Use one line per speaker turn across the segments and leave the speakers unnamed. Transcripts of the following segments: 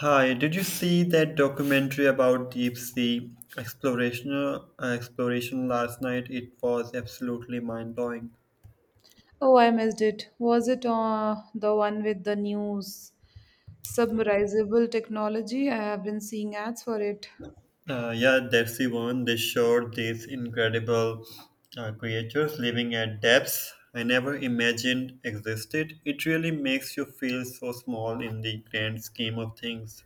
Hi, did you see that documentary about deep sea exploration last night? It was absolutely mind blowing.
Oh, I missed it. Was it the one with the news? Submersible technology. I have been seeing ads for it.
Yeah, that's the one. They showed these incredible creatures living at depths I never imagined existed. It really makes you feel so small in the grand scheme of things.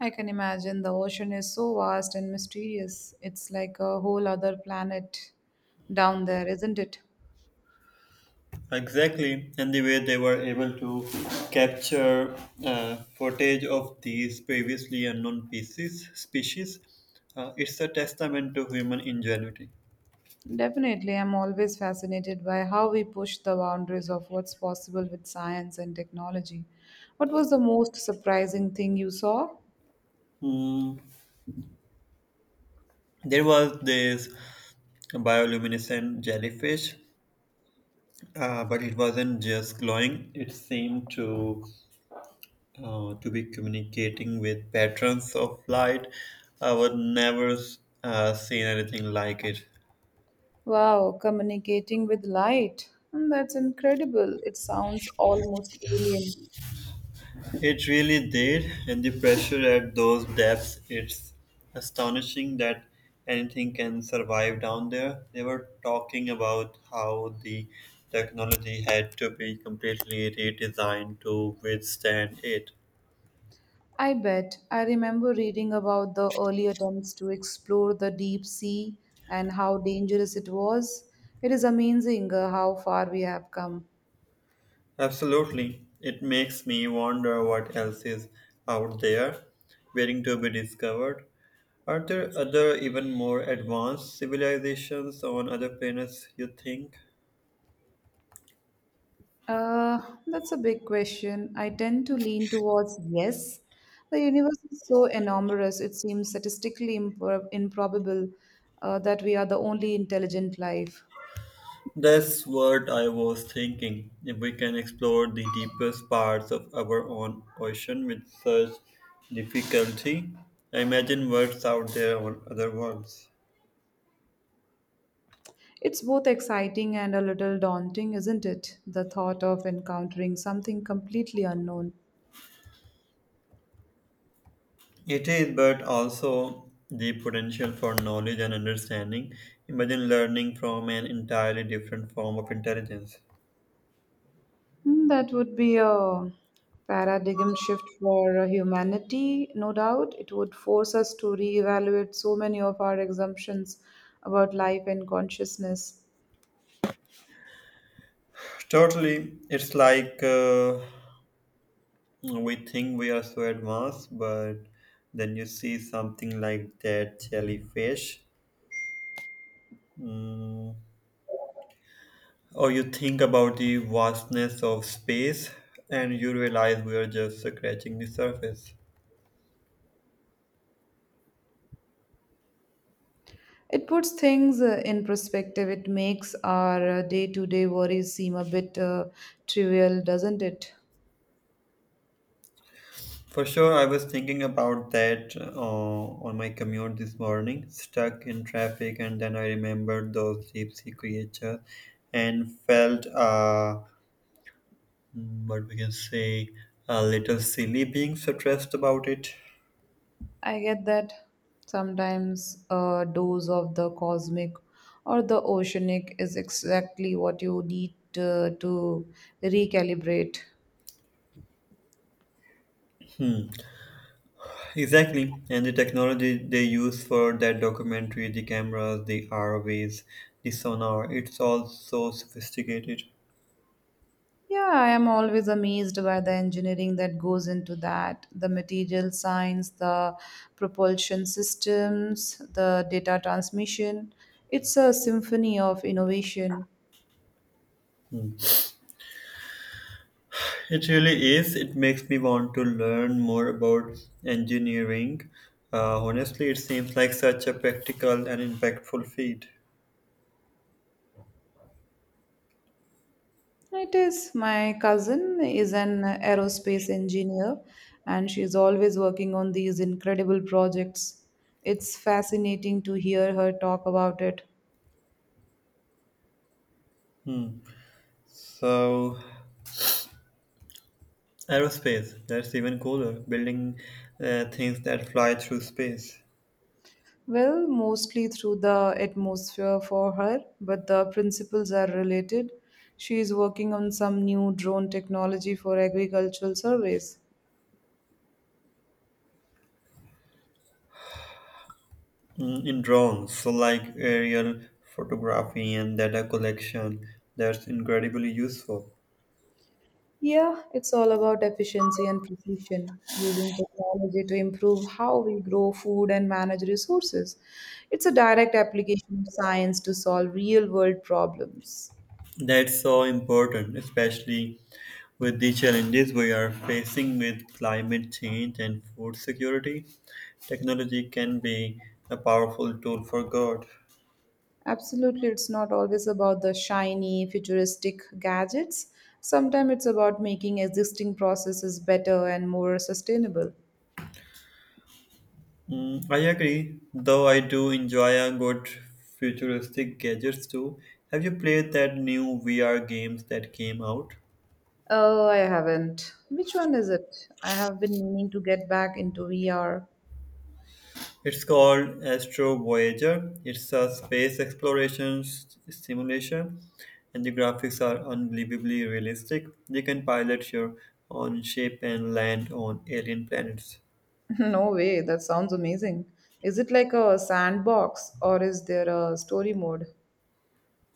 I can imagine the ocean is so vast and mysterious. It's like a whole other planet down there, isn't it?
Exactly, and the way they were able to capture footage of these previously unknown species, it's a testament to human ingenuity.
Definitely, I'm always fascinated by how we push the boundaries of what's possible with science and technology. What was the most surprising thing you saw?
Hmm. There was this bioluminescent jellyfish, but it wasn't just glowing. It seemed to be communicating with patterns of light. I would never seen anything like it.
Wow, communicating with light. Hmm, that's incredible. It sounds almost alien.
It really did, and the pressure at those depths, it's astonishing that anything can survive down there. They were talking about how the technology had to be completely redesigned to withstand it.
I bet. I remember reading about the early attempts to explore the deep sea and how dangerous it was. It is amazing how far we have come.
Absolutely. It makes me wonder what else is out there waiting to be discovered. Are there other, even more advanced civilizations on other planets, you think?
Uh, that's a big question. I tend to lean towards yes. The universe is so enormous, it seems improbable that we are the only intelligent life.
That's what I was thinking. If we can explore the deepest parts of our own ocean with such difficulty, I imagine what's out there on other worlds.
It's both exciting and a little daunting, isn't it? The thought of encountering something completely unknown.
It is, but also the potential for knowledge and understanding. Imagine learning from an entirely different form of intelligence.
Hmm, that would be a paradigm shift for humanity, no doubt. It would force us to reevaluate so many of our assumptions about life and consciousness.
Totally, it's like we think we are so advanced, but then you see something like that jellyfish. Mm, Or you think about the vastness of space and you realize we are just scratching the surface.
It puts things in perspective. It makes our day to day worries seem a bit trivial, doesn't it?
For sure, I was thinking about that on my commute this morning, stuck in traffic, and then I remembered those deep sea creatures and felt, mm, what we can say, a little silly being stressed about it.
I get that sometimes a dose of the cosmic or the oceanic is exactly what you need to recalibrate.
Hmm. Exactly, and the technology they use for that documentary, the cameras, the ROVs, the sonar, it's all so sophisticated.
Yeah, I am always amazed by the engineering that goes into that the material science, the propulsion systems, the data transmission. It's a symphony of innovation.
Hmm. It really is. It makes me want to learn more about engineering. Honestly, it seems like such a practical and impactful field.
It is. My cousin is an aerospace engineer and she's always working on these incredible projects. It's fascinating to hear her talk about it.
Hmm. So, aerospace, that's even cooler, building things that fly through space.
Well, mostly through the atmosphere for her, but the principles are related. She is working on some new drone technology for agricultural surveys.
Mm, in drones, so like aerial photography and data collection, that's incredibly useful.
Yeah, it's all about efficiency and precision, using technology to improve how we grow food and manage resources. It's a direct application of science to solve real world problems.
That's so important, especially with the challenges we are facing with climate change and food security. Technology can be a powerful tool for good.
Absolutely, it's not always about the shiny, futuristic gadgets. Sometimes it's about making existing processes better and more sustainable.
Mm, I agree, though I do enjoy a good futuristic gadgets too. Have you played that new VR games that came out?
Oh, I haven't. Which one is it? I have been meaning to get back into VR.
It's called Astro Voyager. It's a space exploration simulation, and the graphics are unbelievably realistic. You can pilot your own ship and land on alien planets.
No way, that sounds amazing. Is it like a sandbox or is there a story mode?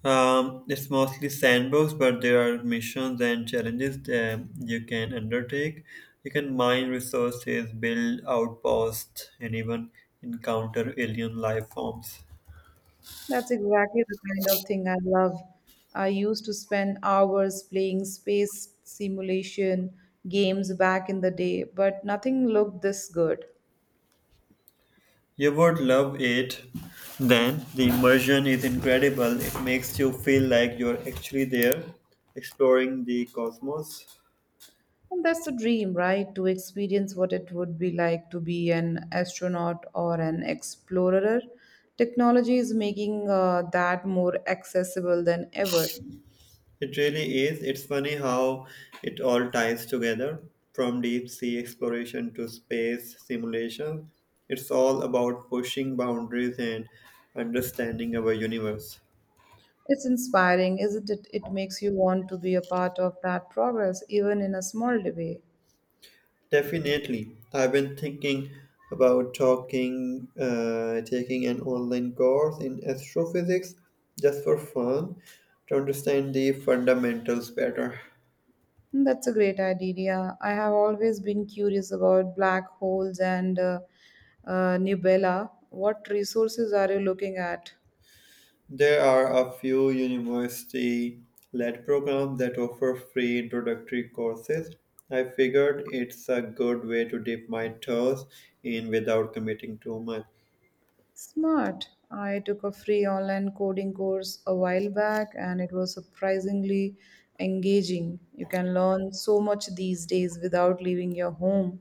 It's mostly sandbox, but there are missions and challenges that you can undertake. You can mine resources, build outposts, and even encounter alien life forms.
That's exactly the kind of thing I love. I used to spend hours playing space simulation games back in the day, but nothing looked this good.
You would love it. Then the immersion is incredible. It makes you feel like you're actually there, exploring the cosmos.
And that's the dream, right? To experience what it would be like to be an astronaut or an explorer. Technology is making that more accessible than ever.
It really is. It's funny how it all ties together, from deep sea exploration to space simulation. It's all about pushing boundaries and understanding our universe.
It's inspiring, isn't it? It makes you want to be a part of that progress, even in a small way.
Definitely. I've been thinking about taking an online course in astrophysics just for fun to understand the fundamentals better.
That's a great idea. I have always been curious about black holes and Nubella. What resources are you looking at?
There are a few university led programs that offer free introductory courses. I figured it's a good way to dip my toes in without committing too much.
Smart. I took a free online coding course a while back and it was surprisingly engaging. You can learn so much these days without leaving your home.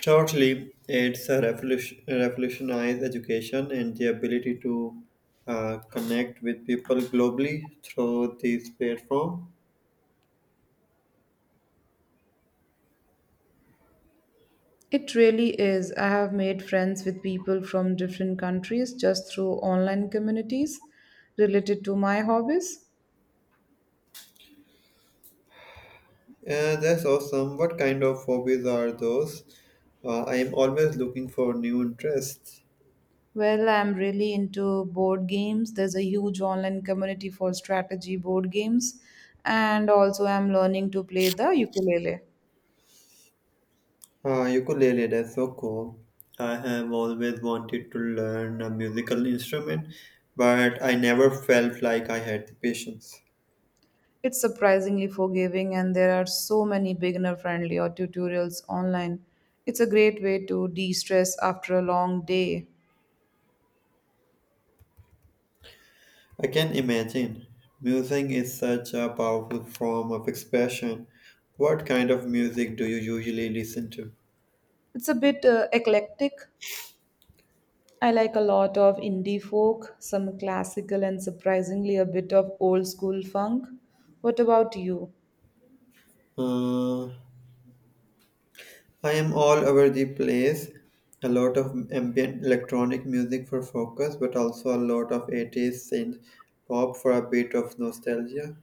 Shortly, it's a revolutionized education and the ability to connect with people globally through this platform.
It really is. I have made friends with people from different countries just through online communities related to my hobbies.
That's awesome. What kind of hobbies are those? I am always looking for new interests.
Well, I'm really into board games. There's a huge online community for strategy board games, and also I'm learning to play the ukulele.
Ukulele, that's so cool. I have always wanted to learn a musical instrument, but I never felt like I had the patience.
It's surprisingly forgiving, and there are so many beginner friendly or tutorials online. It's a great way to de stress after a long day.
I can imagine. Music is such a powerful form of expression. What kind of music do you usually listen to?
It's a bit eclectic. I like a lot of indie folk, some classical, and surprisingly a bit of old school funk. What about you?
Uh, I am all over the place. A lot of ambient electronic music for focus, but also a lot of 80s synth pop for a bit of nostalgia.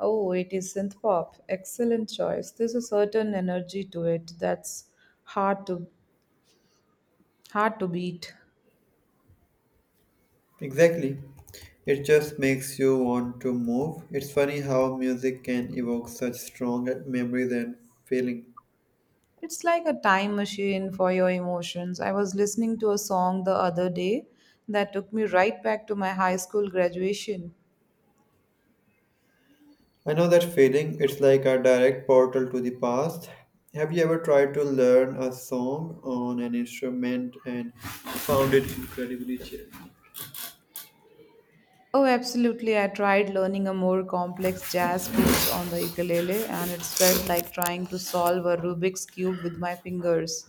Oh, it is synth pop. Excellent choice. There's a certain energy to it that's hard to hard to beat.
Exactly. It just makes you want to move. It's funny how music can evoke such strong memories and feeling.
It's like a time machine for your emotions. I was listening to a song the other day that took me right back to my high school graduation.
I know that feeling. It's like a direct portal to the past. Have you ever tried to learn a song on an instrument and found it incredibly challenging?
Oh, absolutely. I tried learning a more complex jazz piece on the ukulele, and it felt like trying to solve a Rubik's Cube with my fingers.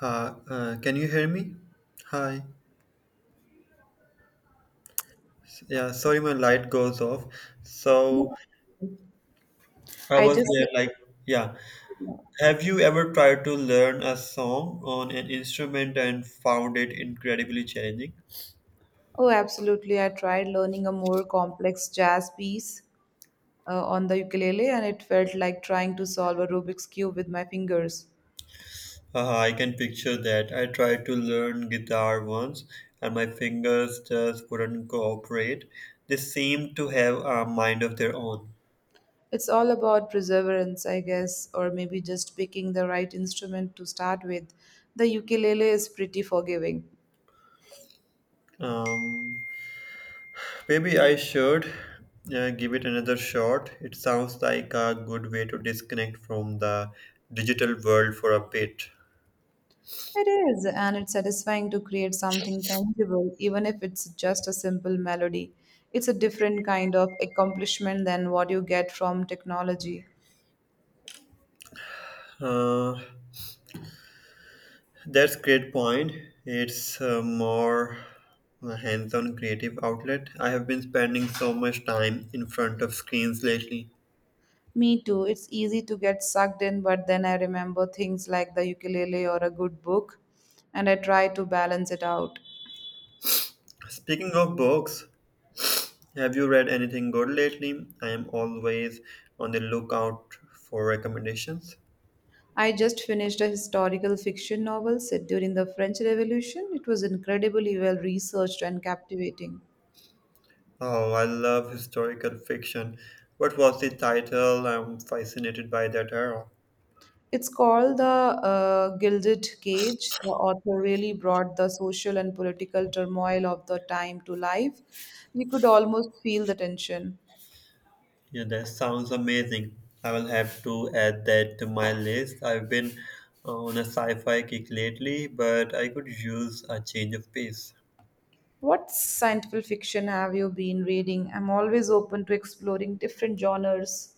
Hi, can you hear me? Hi. Yeah, sorry, my light goes off. So I
I
was
just.
there, like, yeah. Have you ever tried to learn a song on an instrument and found it incredibly challenging?
Oh, absolutely. I tried learning a more complex jazz piece on the ukulele, and it felt like trying to solve a Rubik's Cube with my fingers.
Haha, I can picture that. I tried to learn guitar once and my fingers just wouldn't cooperate. They seem to have a mind of their own.
It's all about perseverance, I guess, or maybe just picking the right instrument to start with. The ukulele is pretty forgiving.
Um, Maybe I should give it another shot. It sounds like a good way to disconnect from the digital world for a bit.
It is, and it's satisfying to create something tangible, even if it's just a simple melody. It's a different kind of accomplishment than what you get from technology.
Uh, that's great point. It's a more hands-on creative outlet. I have been spending so much time in front of screens lately.
Me too. It's easy to get sucked in, but then I remember things like the ukulele or a good book, and I try to balance it out.
Speaking of books, have you read anything good lately? I am always on the lookout for recommendations.
I just finished a historical fiction novel set during the French Revolution. It was incredibly well researched and captivating.
Oh, I love historical fiction. What was the title? I'm fascinated by that era.
It's called The Gilded Cage. The author really brought the social and political turmoil of the time to life. You could almost feel the tension.
Yeah, that sounds amazing. I will have to add that to my list. I've been on a sci fi kick lately, but I could use a change of pace.
What scientific fiction have you been reading? I'm always open to exploring different genres.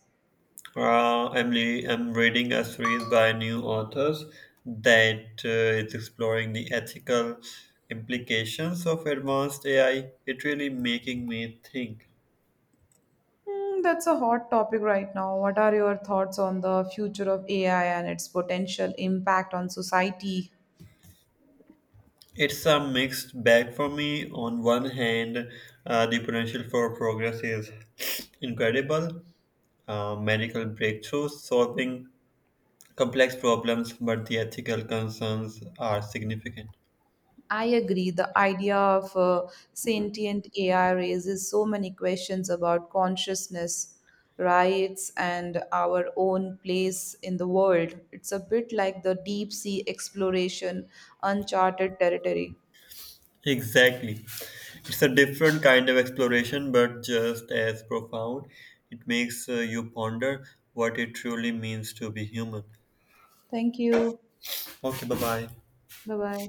I'm reading a series by new authors that is exploring the ethical implications of advanced AI. It really making me think.
Hmm, that's a hot topic right now. What are your thoughts on the future of AI and its potential impact on society?
It's a mixed bag for me. On one hand, the potential for progress is incredible, medical breakthroughs solving complex problems, but the ethical concerns are significant.
I agree. The idea of sentient AI raises so many questions about consciousness, rights, and our own place in the world. It's a bit like the deep sea exploration, uncharted territory.
Exactly. It's a different kind of exploration, but just as profound. It makes you ponder what it truly means to be human.
Thank you.
Okay, bye bye.
Bye bye.